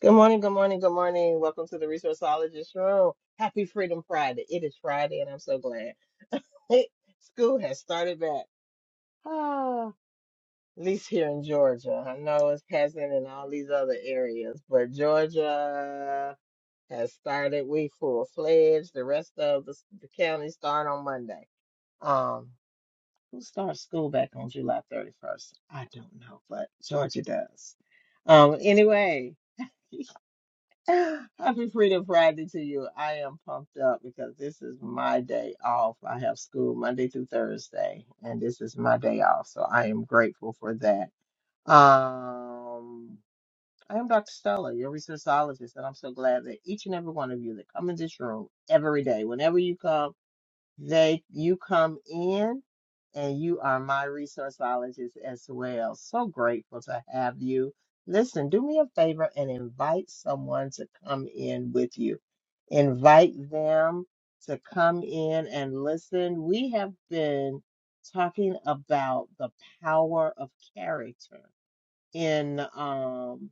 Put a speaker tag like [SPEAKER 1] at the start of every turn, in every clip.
[SPEAKER 1] Good morning, good morning, good morning. Welcome to the Resourceologist Room. Happy Freedom Friday. It is Friday, and I'm so glad. Hey, school has started back. Ah, at least here in Georgia. I know it hasn't in all these other areas, but Georgia has started. We full fledged. The rest of the, the counties start on Monday. Um, who starts school back on July 31st? I don't know, but Georgia does. Um, anyway, Happy Freedom Friday to you. I am pumped up because this is my day off. I have school Monday through Thursday, and this is my day off. So I am grateful for that. Um, I am Dr. Stella, your researchologist, and I'm so glad that each and every one of you that come in this room every day, whenever you come. They you come in and you are my resourceologist as well. So grateful to have you. Listen, do me a favor and invite someone to come in with you. Invite them to come in and listen. We have been talking about the power of character in um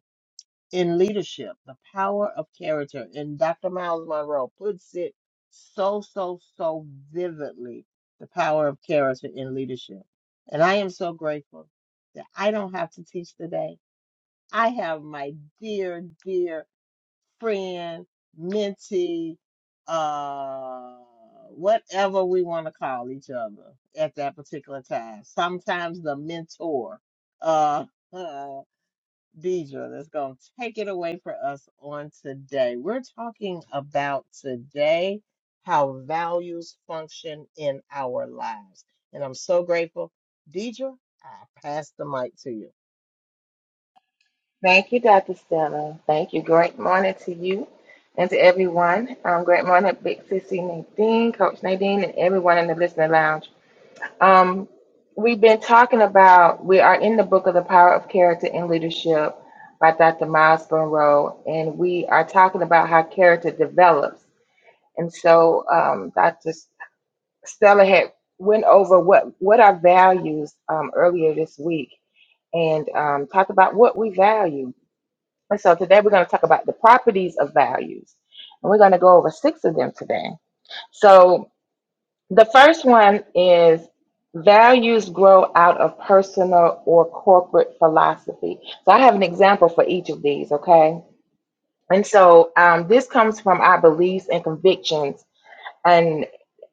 [SPEAKER 1] in leadership, the power of character. And Dr. Miles Monroe puts it so, so, so vividly the power of character in leadership. And I am so grateful that I don't have to teach today. I have my dear, dear friend, mentee, uh, whatever we want to call each other at that particular time. Sometimes the mentor. Uh, Deidre that's going to take it away for us on today. We're talking about today how values function in our lives. And I'm so grateful. Deidre, I pass the mic to you.
[SPEAKER 2] Thank you, Dr. Stella. Thank you. Great morning to you and to everyone. Um, great morning, Big Sissy Nadine, Coach Nadine, and everyone in the listening lounge. Um, we've been talking about, we are in the book of The Power of Character and Leadership by Dr. Miles Monroe, and we are talking about how character develops. And so um, Dr. Stella had went over what, what are values um, earlier this week and um, talked about what we value and so today we're going to talk about the properties of values. And we're going to go over six of them today. So the first one is values grow out of personal or corporate philosophy. So I have an example for each of these, okay? And so um, this comes from our beliefs and convictions. And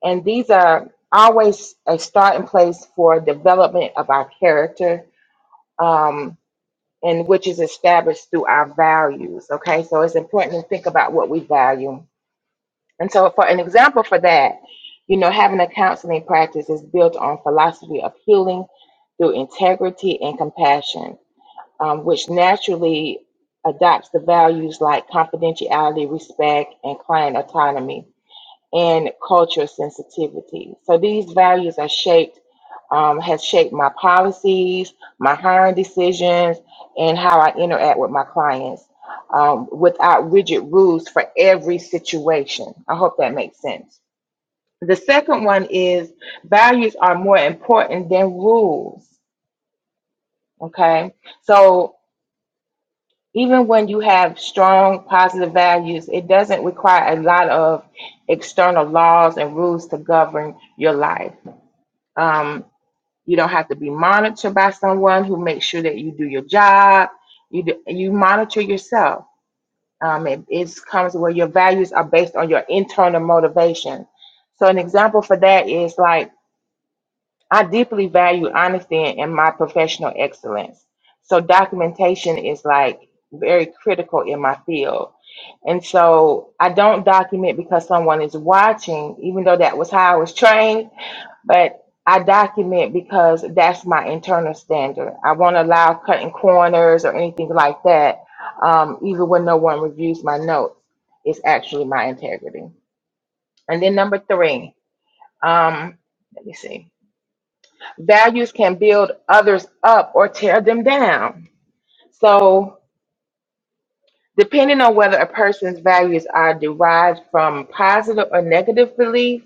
[SPEAKER 2] and these are always a starting place for development of our character. Um, and which is established through our values. Okay, so it's important to think about what we value. And so, for an example for that, you know, having a counseling practice is built on philosophy of healing through integrity and compassion, um, which naturally adopts the values like confidentiality, respect, and client autonomy and culture sensitivity. So these values are shaped, um, has shaped my policies, my hiring decisions, and how I interact with my clients um, without rigid rules for every situation. I hope that makes sense. The second one is values are more important than rules. Okay. So even when you have strong positive values, it doesn't require a lot of external laws and rules to govern your life Um, you don't have to be monitored by someone who makes sure that you do your job. You do, you monitor yourself. Um, it, it comes where your values are based on your internal motivation. So an example for that is like I deeply value honesty in, in my professional excellence. So documentation is like very critical in my field. And so I don't document because someone is watching, even though that was how I was trained but I document because that's my internal standard. I won't allow cutting corners or anything like that, um, even when no one reviews my notes. It's actually my integrity. And then number three, um, let me see. Values can build others up or tear them down. So, depending on whether a person's values are derived from positive or negative beliefs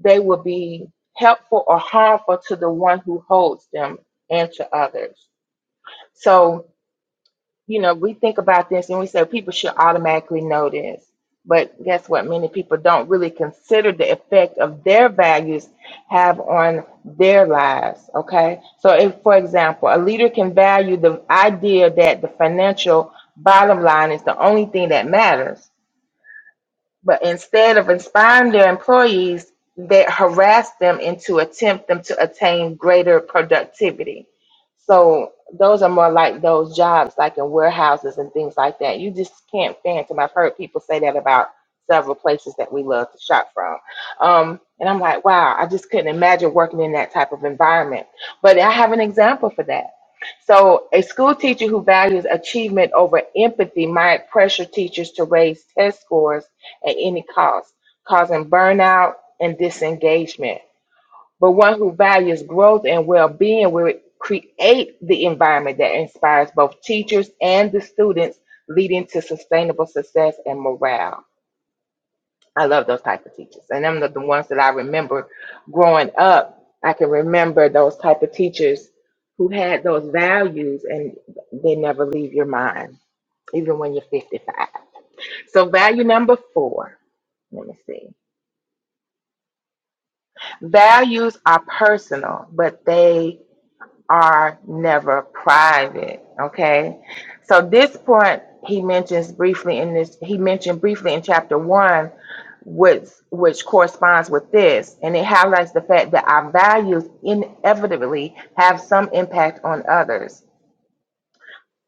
[SPEAKER 2] they will be helpful or harmful to the one who holds them and to others. So, you know, we think about this and we say people should automatically know this. But guess what? Many people don't really consider the effect of their values have on their lives. Okay. So, if, for example, a leader can value the idea that the financial bottom line is the only thing that matters, but instead of inspiring their employees, they harass them and to attempt them to attain greater productivity. So those are more like those jobs like in warehouses and things like that. You just can't phantom. I've heard people say that about several places that we love to shop from. Um, and I'm like, wow, I just couldn't imagine working in that type of environment. But I have an example for that. So a school teacher who values achievement over empathy might pressure teachers to raise test scores at any cost, causing burnout and disengagement. But one who values growth and well being will create the environment that inspires both teachers and the students, leading to sustainable success and morale. I love those type of teachers. And them are the ones that I remember growing up. I can remember those type of teachers who had those values and they never leave your mind, even when you're 55. So value number four, let me see. Values are personal, but they are never private. Okay. So this point he mentions briefly in this, he mentioned briefly in chapter one, which which corresponds with this. And it highlights the fact that our values inevitably have some impact on others.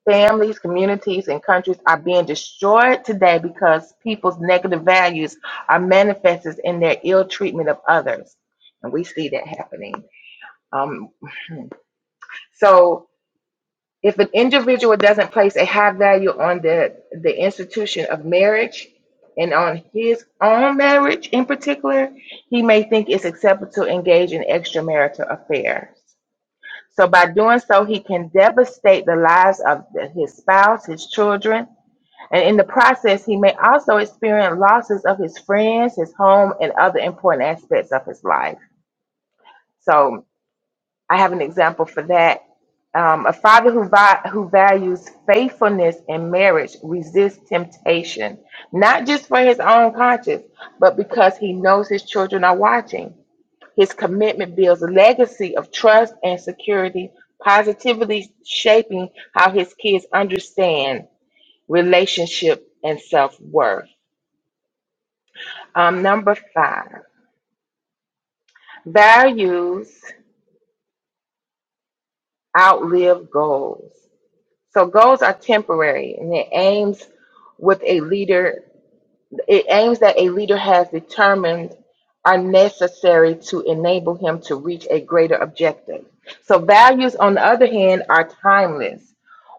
[SPEAKER 2] Families, communities, and countries are being destroyed today because people's negative values are manifested in their ill treatment of others. And we see that happening. Um, so if an individual doesn't place a high value on the, the institution of marriage and on his own marriage in particular, he may think it's acceptable to engage in extramarital affairs. So by doing so, he can devastate the lives of the- his spouse, his children, and in the process, he may also experience losses of his friends, his home, and other important aspects of his life. So I have an example for that. Um, a father who, vi- who values faithfulness in marriage resists temptation, not just for his own conscience, but because he knows his children are watching. His commitment builds a legacy of trust and security, positively shaping how his kids understand relationship and self worth. Um, number five, values outlive goals. So goals are temporary and it aims with a leader, it aims that a leader has determined are necessary to enable him to reach a greater objective. So values, on the other hand, are timeless.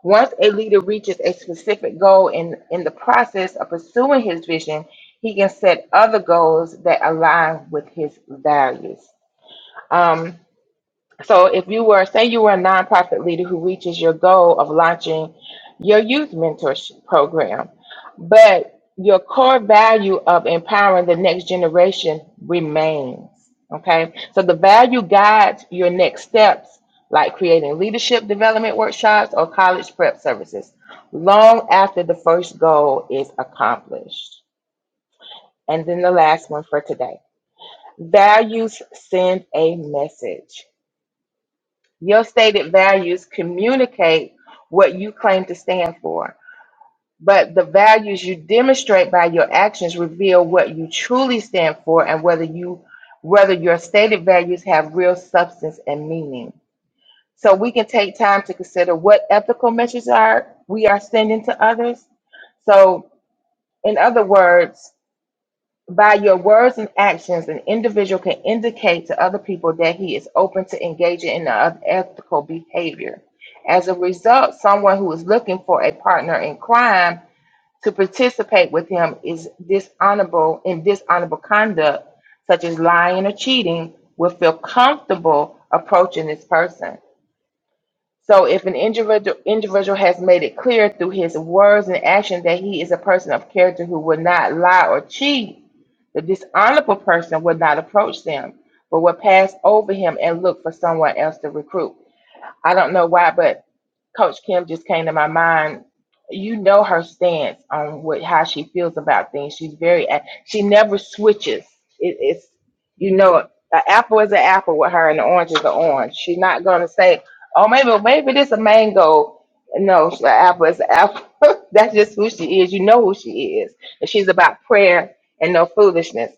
[SPEAKER 2] Once a leader reaches a specific goal in, in the process of pursuing his vision, he can set other goals that align with his values. Um, so if you were, say you were a nonprofit leader who reaches your goal of launching your youth mentorship program, but your core value of empowering the next generation remains. Okay. So the value guides your next steps, like creating leadership development workshops or college prep services, long after the first goal is accomplished. And then the last one for today values send a message. Your stated values communicate what you claim to stand for, but the values you demonstrate by your actions reveal what you truly stand for and whether you whether your stated values have real substance and meaning. So we can take time to consider what ethical messages are we are sending to others. So in other words, by your words and actions, an individual can indicate to other people that he is open to engaging in unethical behavior. As a result, someone who is looking for a partner in crime to participate with him is dishonorable in dishonorable conduct, such as lying or cheating, will feel comfortable approaching this person. So if an individual individual has made it clear through his words and action that he is a person of character who will not lie or cheat, the dishonorable person will not approach them, but will pass over him and look for someone else to recruit. I don't know why, but Coach Kim just came to my mind. You know her stance on what how she feels about things. She's very a- she never switches. It, it's you know an apple is an apple with her, and an orange is an orange. She's not gonna say, "Oh, maybe maybe this a mango." No, an apple is an apple. That's just who she is. You know who she is, and she's about prayer and no foolishness.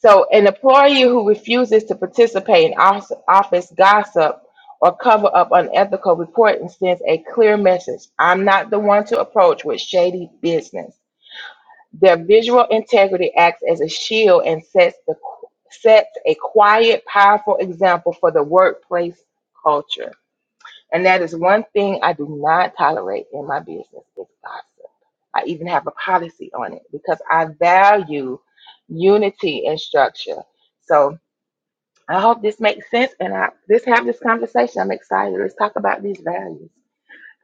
[SPEAKER 2] So, an employee who refuses to participate in os- office gossip or cover up unethical reporting sends a clear message. I'm not the one to approach with shady business. Their visual integrity acts as a shield and sets the sets a quiet, powerful example for the workplace culture. And that is one thing I do not tolerate in my business is gossip. I even have a policy on it because I value unity and structure. So I hope this makes sense and I let's have this conversation. I'm excited. Let's talk about these values.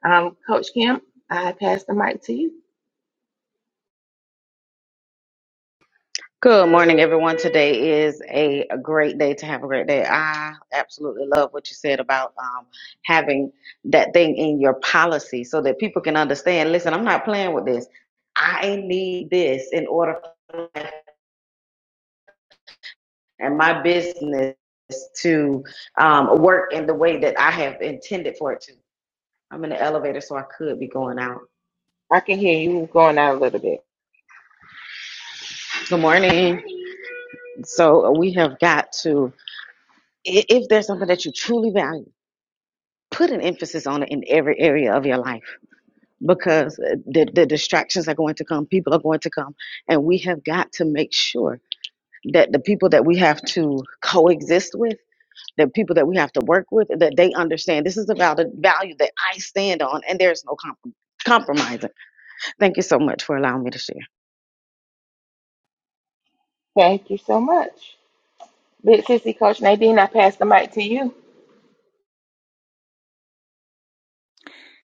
[SPEAKER 2] Um, Coach Kim, I pass the mic to you.
[SPEAKER 3] Good morning, everyone. Today is a, a great day to have a great day. I absolutely love what you said about um, having that thing in your policy so that people can understand listen, I'm not playing with this. I need this in order for my- life and my business to um, work in the way that I have intended for it to. I'm in the elevator, so I could be going out.
[SPEAKER 2] I can hear you going out a little bit.
[SPEAKER 3] Good morning. So we have got to, i- if there's something that you truly value, put an emphasis on it in every area of your life because uh, the, the distractions are going to come people are going to come and we have got to make sure that the people that we have to coexist with the people that we have to work with that they understand this is about the value that i stand on and there's no comprom compromising thank you so much for allowing me to share
[SPEAKER 2] Thank you so much. Big Sissy Coach Nadine, I pass the mic to you.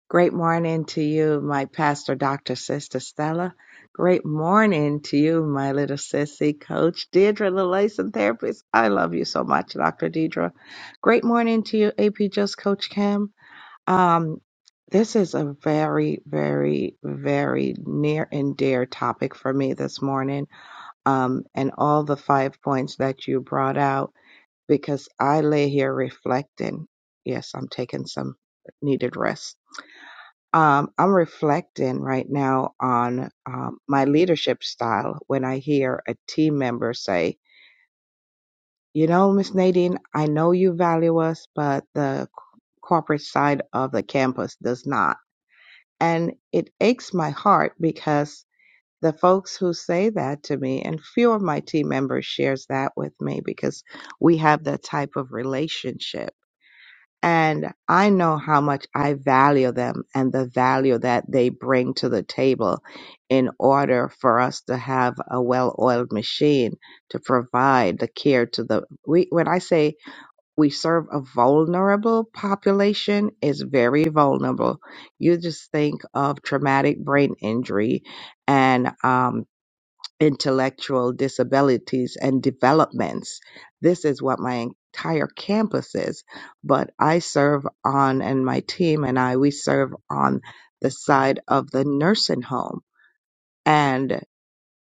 [SPEAKER 4] Great morning to you, my pastor, Dr. Sister Stella. Great morning to you, my little sissy coach, Deidre, the Lelation Therapist. I love you so much, Dr. Deidre. Great morning to you, AP Just Coach Kim. Um, this is a very, very, very near and dear topic for me this morning. Um, and all the five points that you brought out, because I lay here reflecting. Yes, I'm taking some needed rest um, I'm reflecting right now on um, my leadership style when I hear a team member say, You know, Miss Nadine, I know you value us, but the c- corporate side of the campus does not. And it aches my heart because the folks who say that to me, and few of my team members shares that with me because we have that type of relationship and I know how much I value them and the value that they bring to the table in order for us to have a well oiled machine to provide the care to the. We, when I say we serve a vulnerable population, is very vulnerable. You just think of traumatic brain injury and um intellectual disabilities and developments. This is what my entire campus is, but I serve on, and my team and I, we serve on the side of the nursing home. And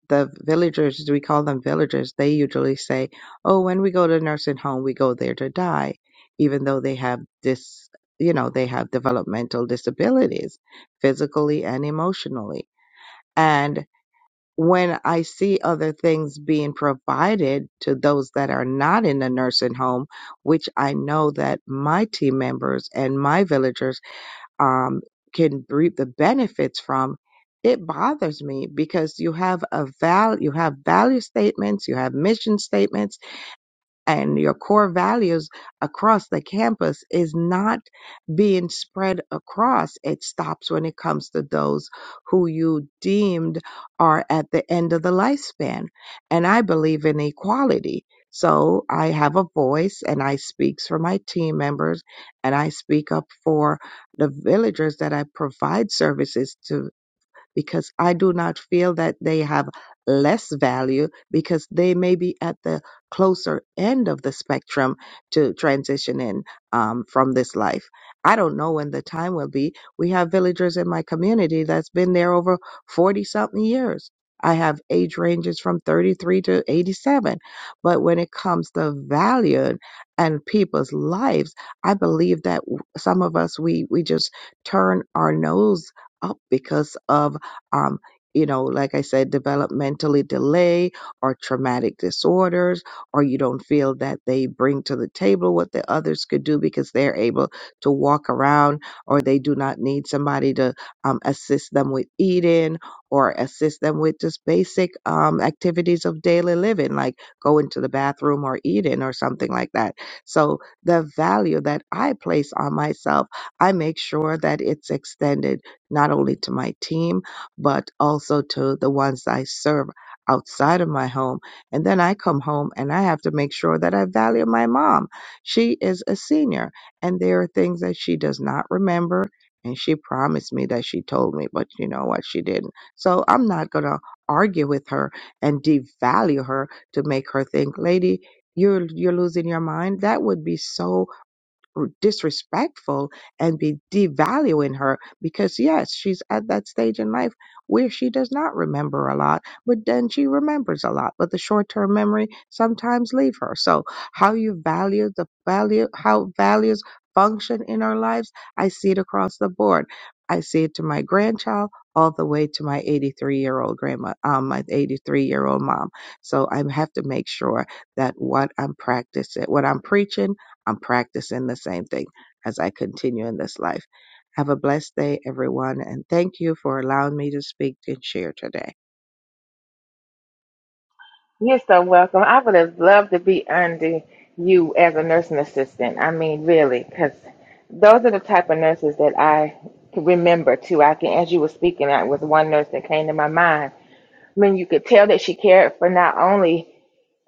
[SPEAKER 4] the villagers, we call them villagers, they usually say, oh, when we go to nursing home, we go there to die, even though they have this, you know, they have developmental disabilities, physically and emotionally. And when I see other things being provided to those that are not in the nursing home, which I know that my team members and my villagers um, can reap the benefits from, it bothers me because you have a val, you have value statements, you have mission statements and your core values across the campus is not being spread across. It stops when it comes to those who you deemed are at the end of the lifespan. And I believe in equality. So I have a voice and I speak for my team members and I speak up for the villagers that I provide services to because I do not feel that they have less value because they may be at the closer end of the spectrum to transition in um, from this life. I don't know when the time will be. We have villagers in my community that's been there over 40 something years. I have age ranges from 33 to 87. But when it comes to value and people's lives, I believe that w- some of us, we, we just turn our nose up because of um, you know, like I said, developmentally delay or traumatic disorders, or you don't feel that they bring to the table what the others could do because they're able to walk around or they do not need somebody to um, assist them with eating or assist them with just basic um, activities of daily living, like going to the bathroom or eating or something like that. So the value that I place on myself, I make sure that it's extended not only to my team, but also to the ones I serve outside of my home. And then I come home and I have to make sure that I value my mom. She is a senior and there are things that she does not remember. And she promised me that she told me, but you know what? She didn't. So I'm not going to argue with her and devalue her to make her think, lady, you're, you're losing your mind. That would be so disrespectful and be devaluing her because yes she's at that stage in life where she does not remember a lot but then she remembers a lot but the short-term memory sometimes leave her so how you value the value how values function in our lives i see it across the board i see it to my grandchild all the way to my 83 year old grandma um, my 83 year old mom so i have to make sure that what i'm practicing what i'm preaching I'm practicing the same thing as I continue in this life. Have a blessed day, everyone, and thank you for allowing me to speak and share today.
[SPEAKER 2] You're so welcome. I would have loved to be under you as a nursing assistant. I mean, really, because those are the type of nurses that I can remember too. I can, as you were speaking, I was one nurse that came to my mind I mean, you could tell that she cared for not only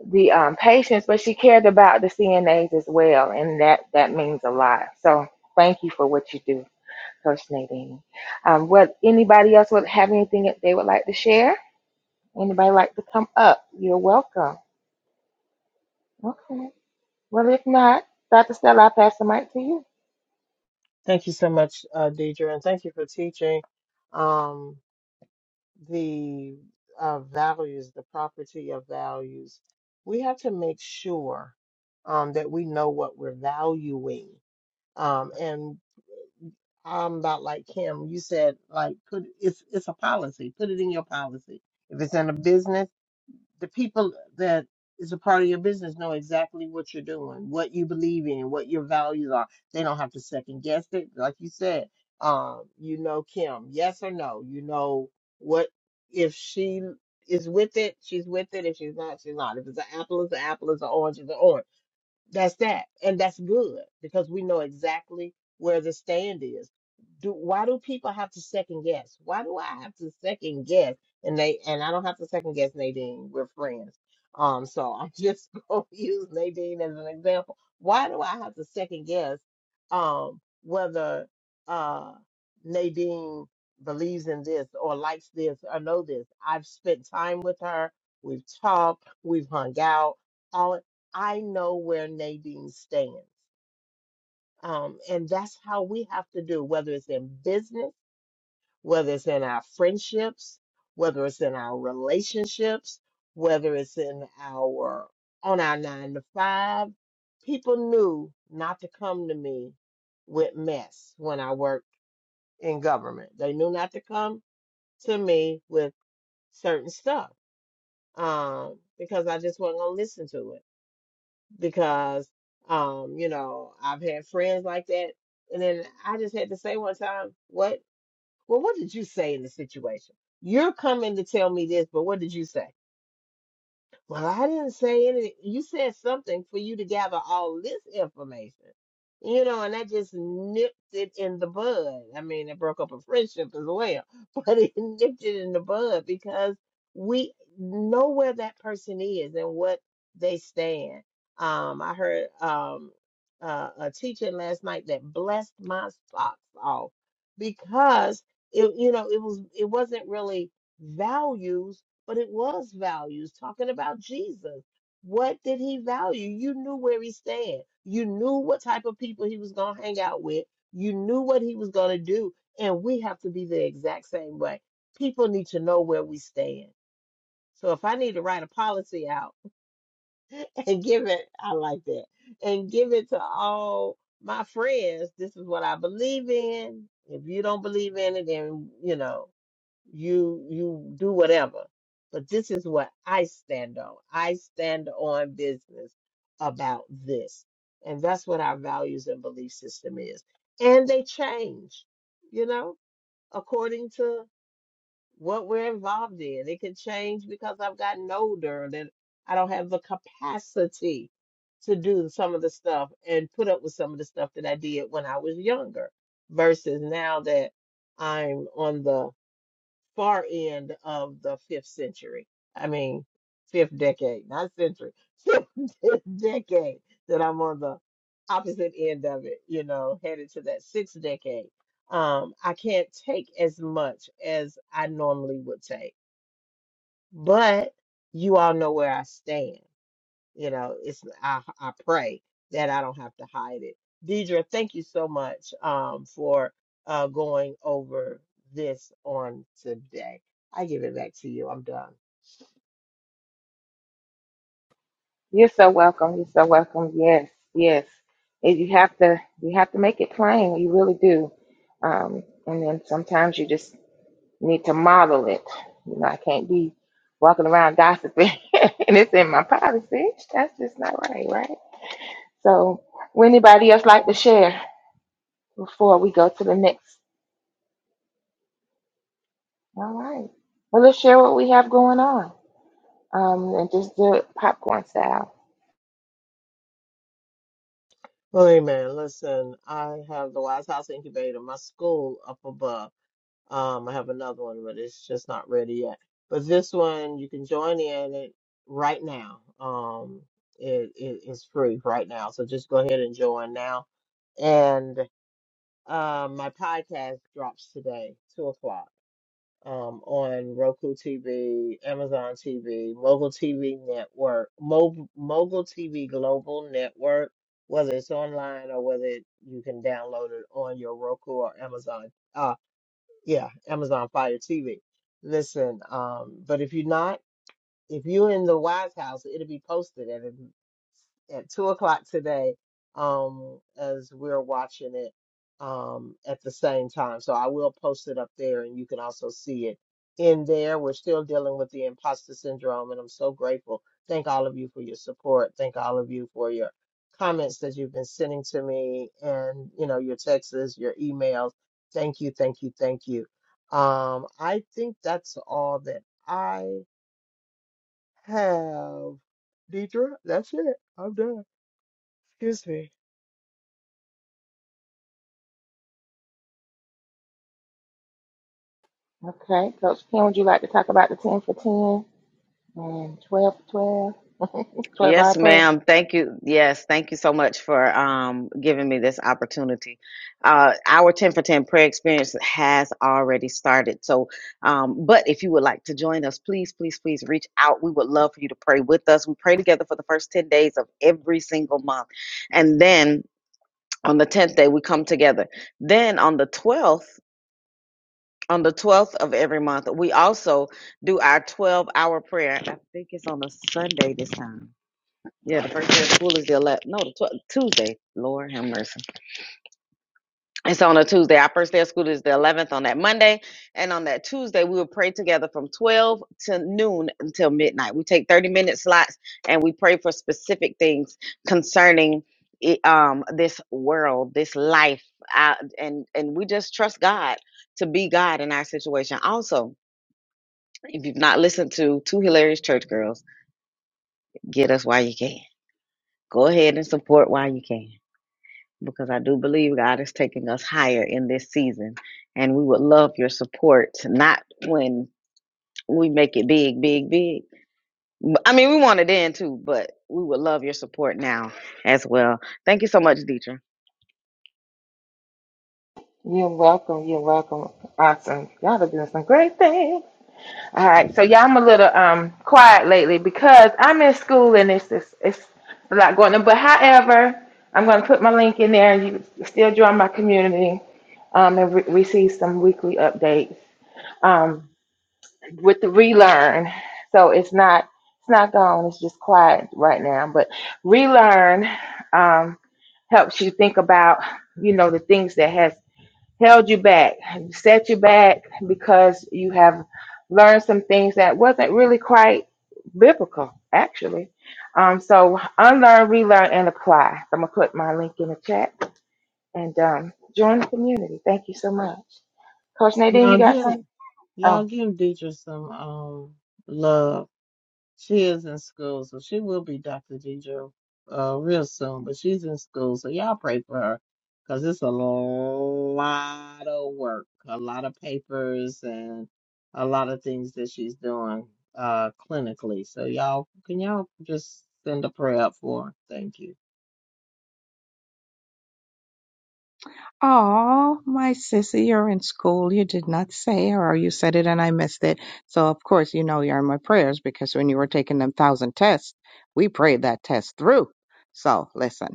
[SPEAKER 2] the um, patients, but she cared about the CNAs as as well, and that that means a lot. So thank you for what you do, Coach Nadine. Um, what anybody else would have anything that they would like to share? Anybody like to come up? You're welcome. Okay. Well, if not, Dr. Stella, I'll pass the mic to you.
[SPEAKER 1] Thank you so much, uh, Deidre, and thank you for teaching um, the uh, values, the property of values. We have to make sure um, that we know what we're valuing. Um, and I'm not like him. You said like put it's it's a policy. Put it in your policy. If it's in a business, the people that is a part of your business know exactly what you're doing, what you believe in, what your values are. They don't have to second guess it. Like you said, um, you know Kim, yes or no. You know what if she is with it, she's with it. If she's not, she's not. If it's an apple, it's an apple. It's an orange, it's an orange that's that. And that's good because we know exactly where the stand is. Do why do people have to second guess? Why do I have to second guess? And they and I don't have to second guess Nadine. We're friends. Um, so I'm just gonna use Nadine as an example. Why do I have to second guess um whether uh Nadine believes in this or likes this or know this? I've spent time with her, we've talked, we've hung out, All I know where Nadine stands. Um, and that's how we have to do, whether it's in business, whether it's in our friendships, whether it's in our relationships, whether it's in our on our nine to five. People knew not to come to me with mess when I worked in government. They knew not to come to me with certain stuff um, because I just wasn't gonna listen to it. because um, you know, I've had friends like that. And then I just had to say one time, what? Well, what did you say in the situation? You're coming to tell me this, but what did you say? Well, I didn't say anything. You said something for you to gather all this information, you know, and that just nipped it in the bud. I mean, it broke up a friendship as well, but it nipped it in the bud because we know where that person is and what they stand. Um, I heard um, uh, a teaching last night that blessed my socks off because it, you know, it was it wasn't really values but it was values talking about Jesus. What did he value? You knew where he stand. You knew what type of people he was going to hang out with. You knew what he was going to do. And we have to be the exact same way. People need to know where we stand. So if I need to write a policy out and give it, I like that, and give it to all my friends, this is what I believe in. If you don't believe in it, then, you know, you you do whatever but this is what i stand on i stand on business about this and that's what our values and belief system is and they change you know according to what we're involved in it can change because i've gotten older and then i don't have the capacity to do some of the stuff and put up with some of the stuff that i did when i was younger versus now that i'm on the far end of the fifth century. I mean, fifth decade, not century, fifth decade that I'm on the opposite end of it, you know, headed to that sixth decade. Um, I can't take as much as I normally would take, but you all know where I stand. You know, it's I I pray that I don't have to hide it. Deidre, thank you so much um for uh going over this on today. I give it back to you. I'm done.
[SPEAKER 2] You're so welcome. You're so welcome. Yes, yes. And You have to you have to make it plain. You really do. Um, and then sometimes you just need to model it. You know, I can't be walking around gossiping and it's in my policy. That's just not right, right? So, would anybody else like to share before we go to the next? All right. Well, let's share what we have going on um, and just do it popcorn style.
[SPEAKER 1] Well, Amen. listen, I have the Wise House Incubator, my school up above. Um, I have another one, but it's just not ready yet. But this one you can join in it right now. Um, it, it's free right now, so just go ahead and join now. And um, my podcast drops today, two o'clock, um, on Roku TV, Amazon TV, Mogul TV Network, Mo Mogul TV Global Network. Whether it's online or whether it, you can download it on your Roku or Amazon uh, yeah, Amazon Fire TV. Listen, um, but if you're not, if you're in the Wise House, it'll be posted at two o'clock today um as we're watching it um at the same time so i will post it up there and you can also see it in there we're still dealing with the imposter syndrome and i'm so grateful thank all of you for your support thank all of you for your comments that you've been sending to me and you know your texts your emails thank you thank you thank you um i think that's all that i have deidre that's it i'm done Excuse me.
[SPEAKER 2] Okay. Coach Ken, would you like to talk about the 10 for 10 and 12 for 12, 12 hour
[SPEAKER 3] Yes,
[SPEAKER 2] prayer?
[SPEAKER 3] ma'am. Thank you. Yes, thank you so much for um, giving me this opportunity. Uh, our 10 for 10 prayer experience has already started. So, um, but if you would like to join us, please, please, please reach out. We would love for you to pray with us. We pray together for the first 10 days of every single month. And then on the 10th day, we come together. Then on the 12th, on the 12th of every month, we also do our 12 hour prayer. I think it's on a Sunday this time yeah, the first day of school is the 11th. No, the 12th, Tuesday. Lord have mercy. It's on a Tuesday. Our first day of school is the 11th on that Monday. And on that Tuesday, we will pray together from 12 to noon until midnight. We take 30 minute slots and we pray for specific things concerning it, um, this world, this life. Uh, and, and we just trust God to be God in our situation. Also, if you've not listened to Two Hilarious Church Girls, get us while you can. Go ahead and support while you can. because I do believe God is taking us higher in this season. And we would love your support, not when we make it big, big, big. But- I mean, we want it in too, but we would love your support now as well. Thank you so much, Deidre.
[SPEAKER 2] You're welcome. You're welcome. Awesome. Y'all are doing some great things. All right, so yeah, I'm a little um quiet lately because I'm in school and it's it's, it's a lot going on. But however, I'm going to put my link in there, and you can still join my community, um, and re- receive some weekly updates um with the relearn. So it's not it's not gone. It's just quiet right now. But relearn um helps you think about you know the things that has held you back, set you back because you have learned some things that wasn't really quite biblical, actually. Um, so unlearn, relearn, and apply. So I'm gonna put my link in the chat and um, join the community. Thank you so much, Coach Nadine.
[SPEAKER 1] Y'all
[SPEAKER 2] You got
[SPEAKER 1] give
[SPEAKER 2] something?
[SPEAKER 1] y'all
[SPEAKER 2] Oh,
[SPEAKER 1] give Deidre some um love. She is in school, so she will be Dr. Deidre uh real soon, but she's in school, so y'all pray for her because it's a lot of work, a lot of papers and a lot of things that she's doing uh clinically. So y'all can y'all just send a prayer up for her. Thank you.
[SPEAKER 4] Oh, my sissy, you're in school. You did not say, or you said it and I missed it. So, of course, you know you're in my prayers because when you were taking them thousand tests, we prayed that test through. So, listen,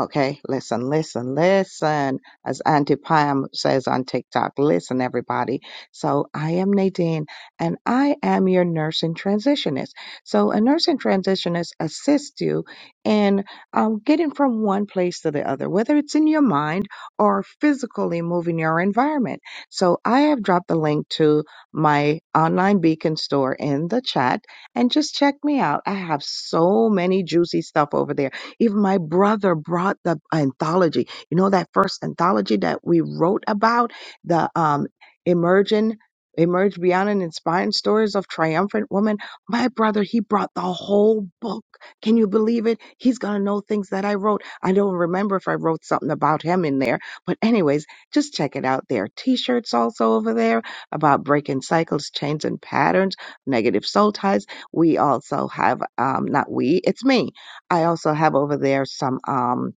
[SPEAKER 4] okay, listen, listen, listen. As Auntie Pam says on TikTok, listen, everybody. So, I am Nadine and I am your nurse and transitionist. So, a nurse and transitionist assists you in um, getting from one place to the other, whether it's in your mind or physically moving your environment. So I have dropped the link to my online beacon store in the chat and just check me out. I have so many juicy stuff over there. Even my brother brought the anthology. You know that first anthology that we wrote about the um emerging Emerge Beyond and Inspiring Stories of Triumphant Women. My brother, he brought the whole book. Can you believe it? He's going to know things that I wrote. I don't remember if I wrote something about him in there but anyways, just check it out. There are t-shirts also over there about breaking cycles, chains and patterns, negative soul ties. We also have um not we, it's me. I also have over there some um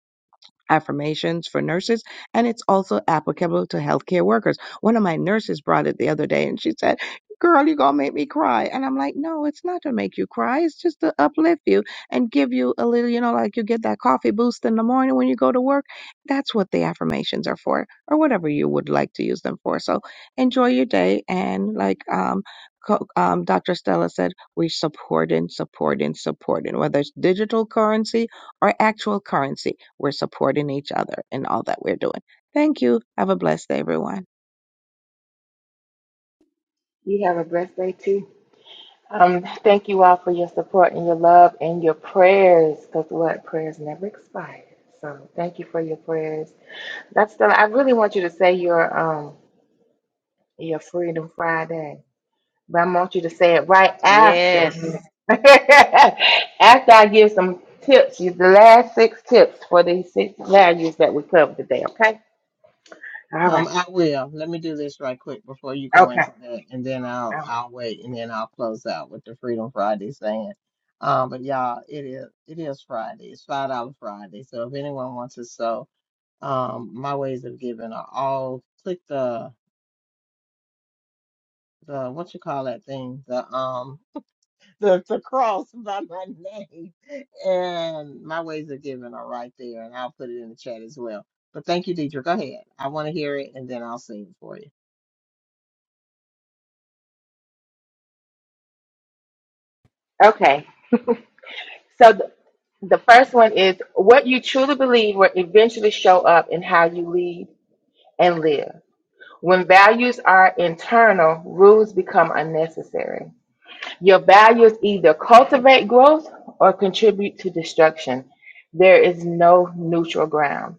[SPEAKER 4] affirmations for nurses and it's also applicable to healthcare workers. One of my nurses brought it the other day and she said, Girl, you're gonna make me cry. And I'm like, No, it's not to make you cry. It's just to uplift you and give you a little, you know, like you get that coffee boost in the morning when you go to work. That's what the affirmations are for, or whatever you would like to use them for. So enjoy your day. And like um, co- um, Dr. Stella said, we're supporting, supporting, supporting, whether it's digital currency or actual currency. We're supporting each other in all that we're doing. Thank you. Have a blessed day, everyone.
[SPEAKER 2] you have a blessed day too. Um, thank you all for your support and your love and your prayers, because what prayers never expire. So thank you for your prayers. That's the. I really want you to say your um Your Freedom Friday. But I want you to say it right after. me.
[SPEAKER 3] Yes.
[SPEAKER 2] after I give some tips, you the last six tips for these six values that we covered today, okay? All
[SPEAKER 1] Um,
[SPEAKER 2] right.
[SPEAKER 1] I will. Let me do this right quick before you go
[SPEAKER 2] Okay.
[SPEAKER 1] into that, and then
[SPEAKER 2] All
[SPEAKER 1] I'll I'll wait, and then I'll close out with the Freedom Friday saying. Um, but y'all, it is it is Friday. It's five dollar Friday. So if anyone wants to sew, um, my ways of giving are all click the the what you call that thing the um the the cross by my name, and my ways of giving are right there, and I'll put it in the chat as well. But thank you, Deidre. Go ahead. I want to hear it, and then I'll sing it for you.
[SPEAKER 2] right. Okay. So the, the first one is what you truly believe will eventually show up in how you lead and live. When values are internal, rules become unnecessary. Your values either cultivate growth or contribute to destruction. There is no neutral ground.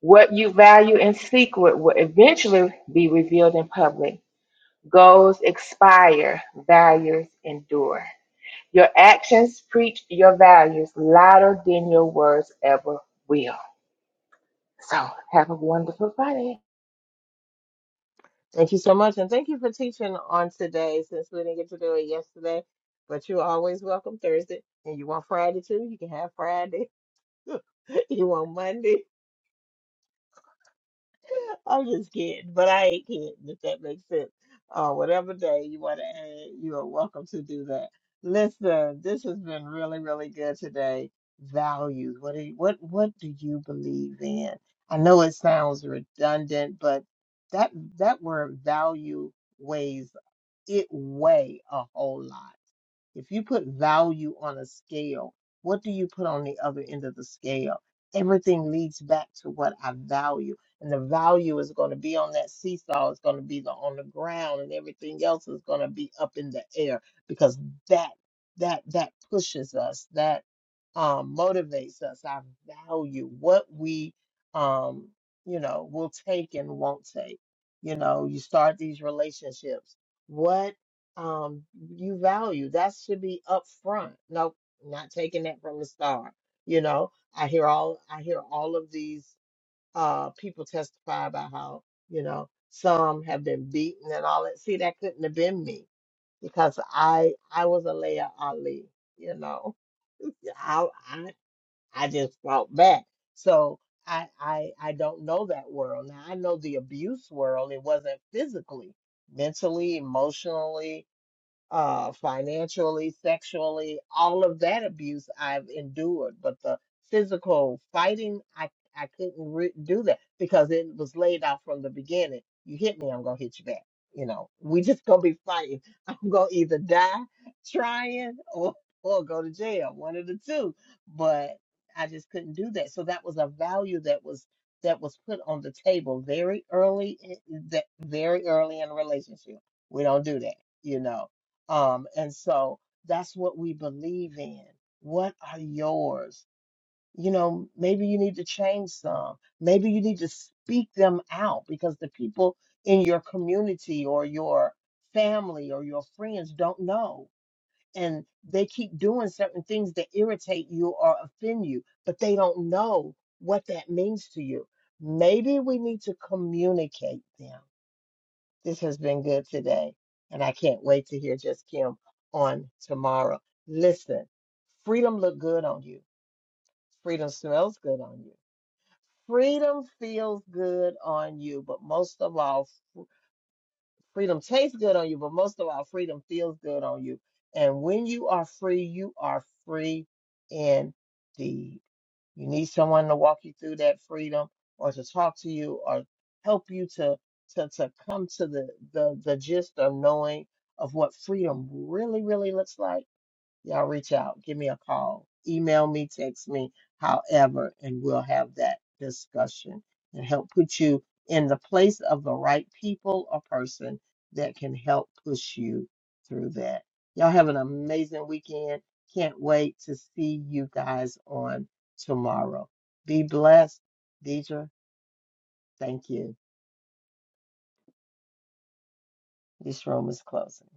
[SPEAKER 2] What you value in secret will eventually be revealed in public. Goals expire, values endure. Your actions preach your values louder than your words ever will. So, have a wonderful Friday.
[SPEAKER 1] Thank you so much, and thank you for teaching on today since we didn't get to do it yesterday. But you're always welcome Thursday, and you want Friday too? You can have Friday. You want Monday? I'm just kidding, but I ain't kidding if that makes sense. Uh, whatever day you want to add, you are welcome to do that. Listen, this has been really, really good today. Values. What do you, what what do you believe in? I know it sounds redundant, but that that word value. weighs it weigh a whole lot? If you put value on a scale, what do you put on the other end of the scale? Everything leads back to what I value. And the value is going to be on that seesaw, it's going to be the, on the ground, and everything else is going to be up in the air because that that that pushes us, that um, motivates us, our value, what we um, you know, will take and won't take. You know, you start these relationships. What um you value that should be up front nope not taking that from the start you know i hear all i hear all of these uh people testify about how you know some have been beaten and all that see that couldn't have been me because i i was a leia ali you know Yeah, i i, I just fought back so I, I I don't know that world now. I know the abuse world. It wasn't physically, mentally, emotionally, uh, financially, sexually, all of that abuse I've endured, but the physical fighting, I, I couldn't re- do that because it was laid out from the beginning. You hit me, I'm gonna hit you back. You know, we just gonna be fighting. I'm gonna either die trying or or go to jail, one of the two. But I just couldn't do that. So that was a value that was that was put on the table very early, in, that very early in a relationship. We don't do that, you know um, and so that's what we believe in. What are yours? You know, maybe you need to change some. Maybe you need to speak them out because the people in your community or your family or your friends don't know. And they keep doing certain things that irritate you or offend you, but they don't know what that means to you. Maybe we need to communicate them this has been good today, and I can't wait to hear Just Kim on tomorrow. Listen, freedom look good on you. Freedom smells good on you. Freedom feels good on you, but most of all, freedom tastes good on you, but most of all, freedom feels good on you. And when you are free, you are free indeed. You need someone to walk you through that freedom or to talk to you or help you to to to come to the the, the gist of knowing of what freedom really, really looks like y'all reach out, give me a call, email me, text me, however, and we'll have that discussion and help put you in the place of the right people or person that can help push you through that. Y'all have an amazing weekend. Can't wait to see you guys on tomorrow. Be blessed. Deidre, thank you. This room is closing.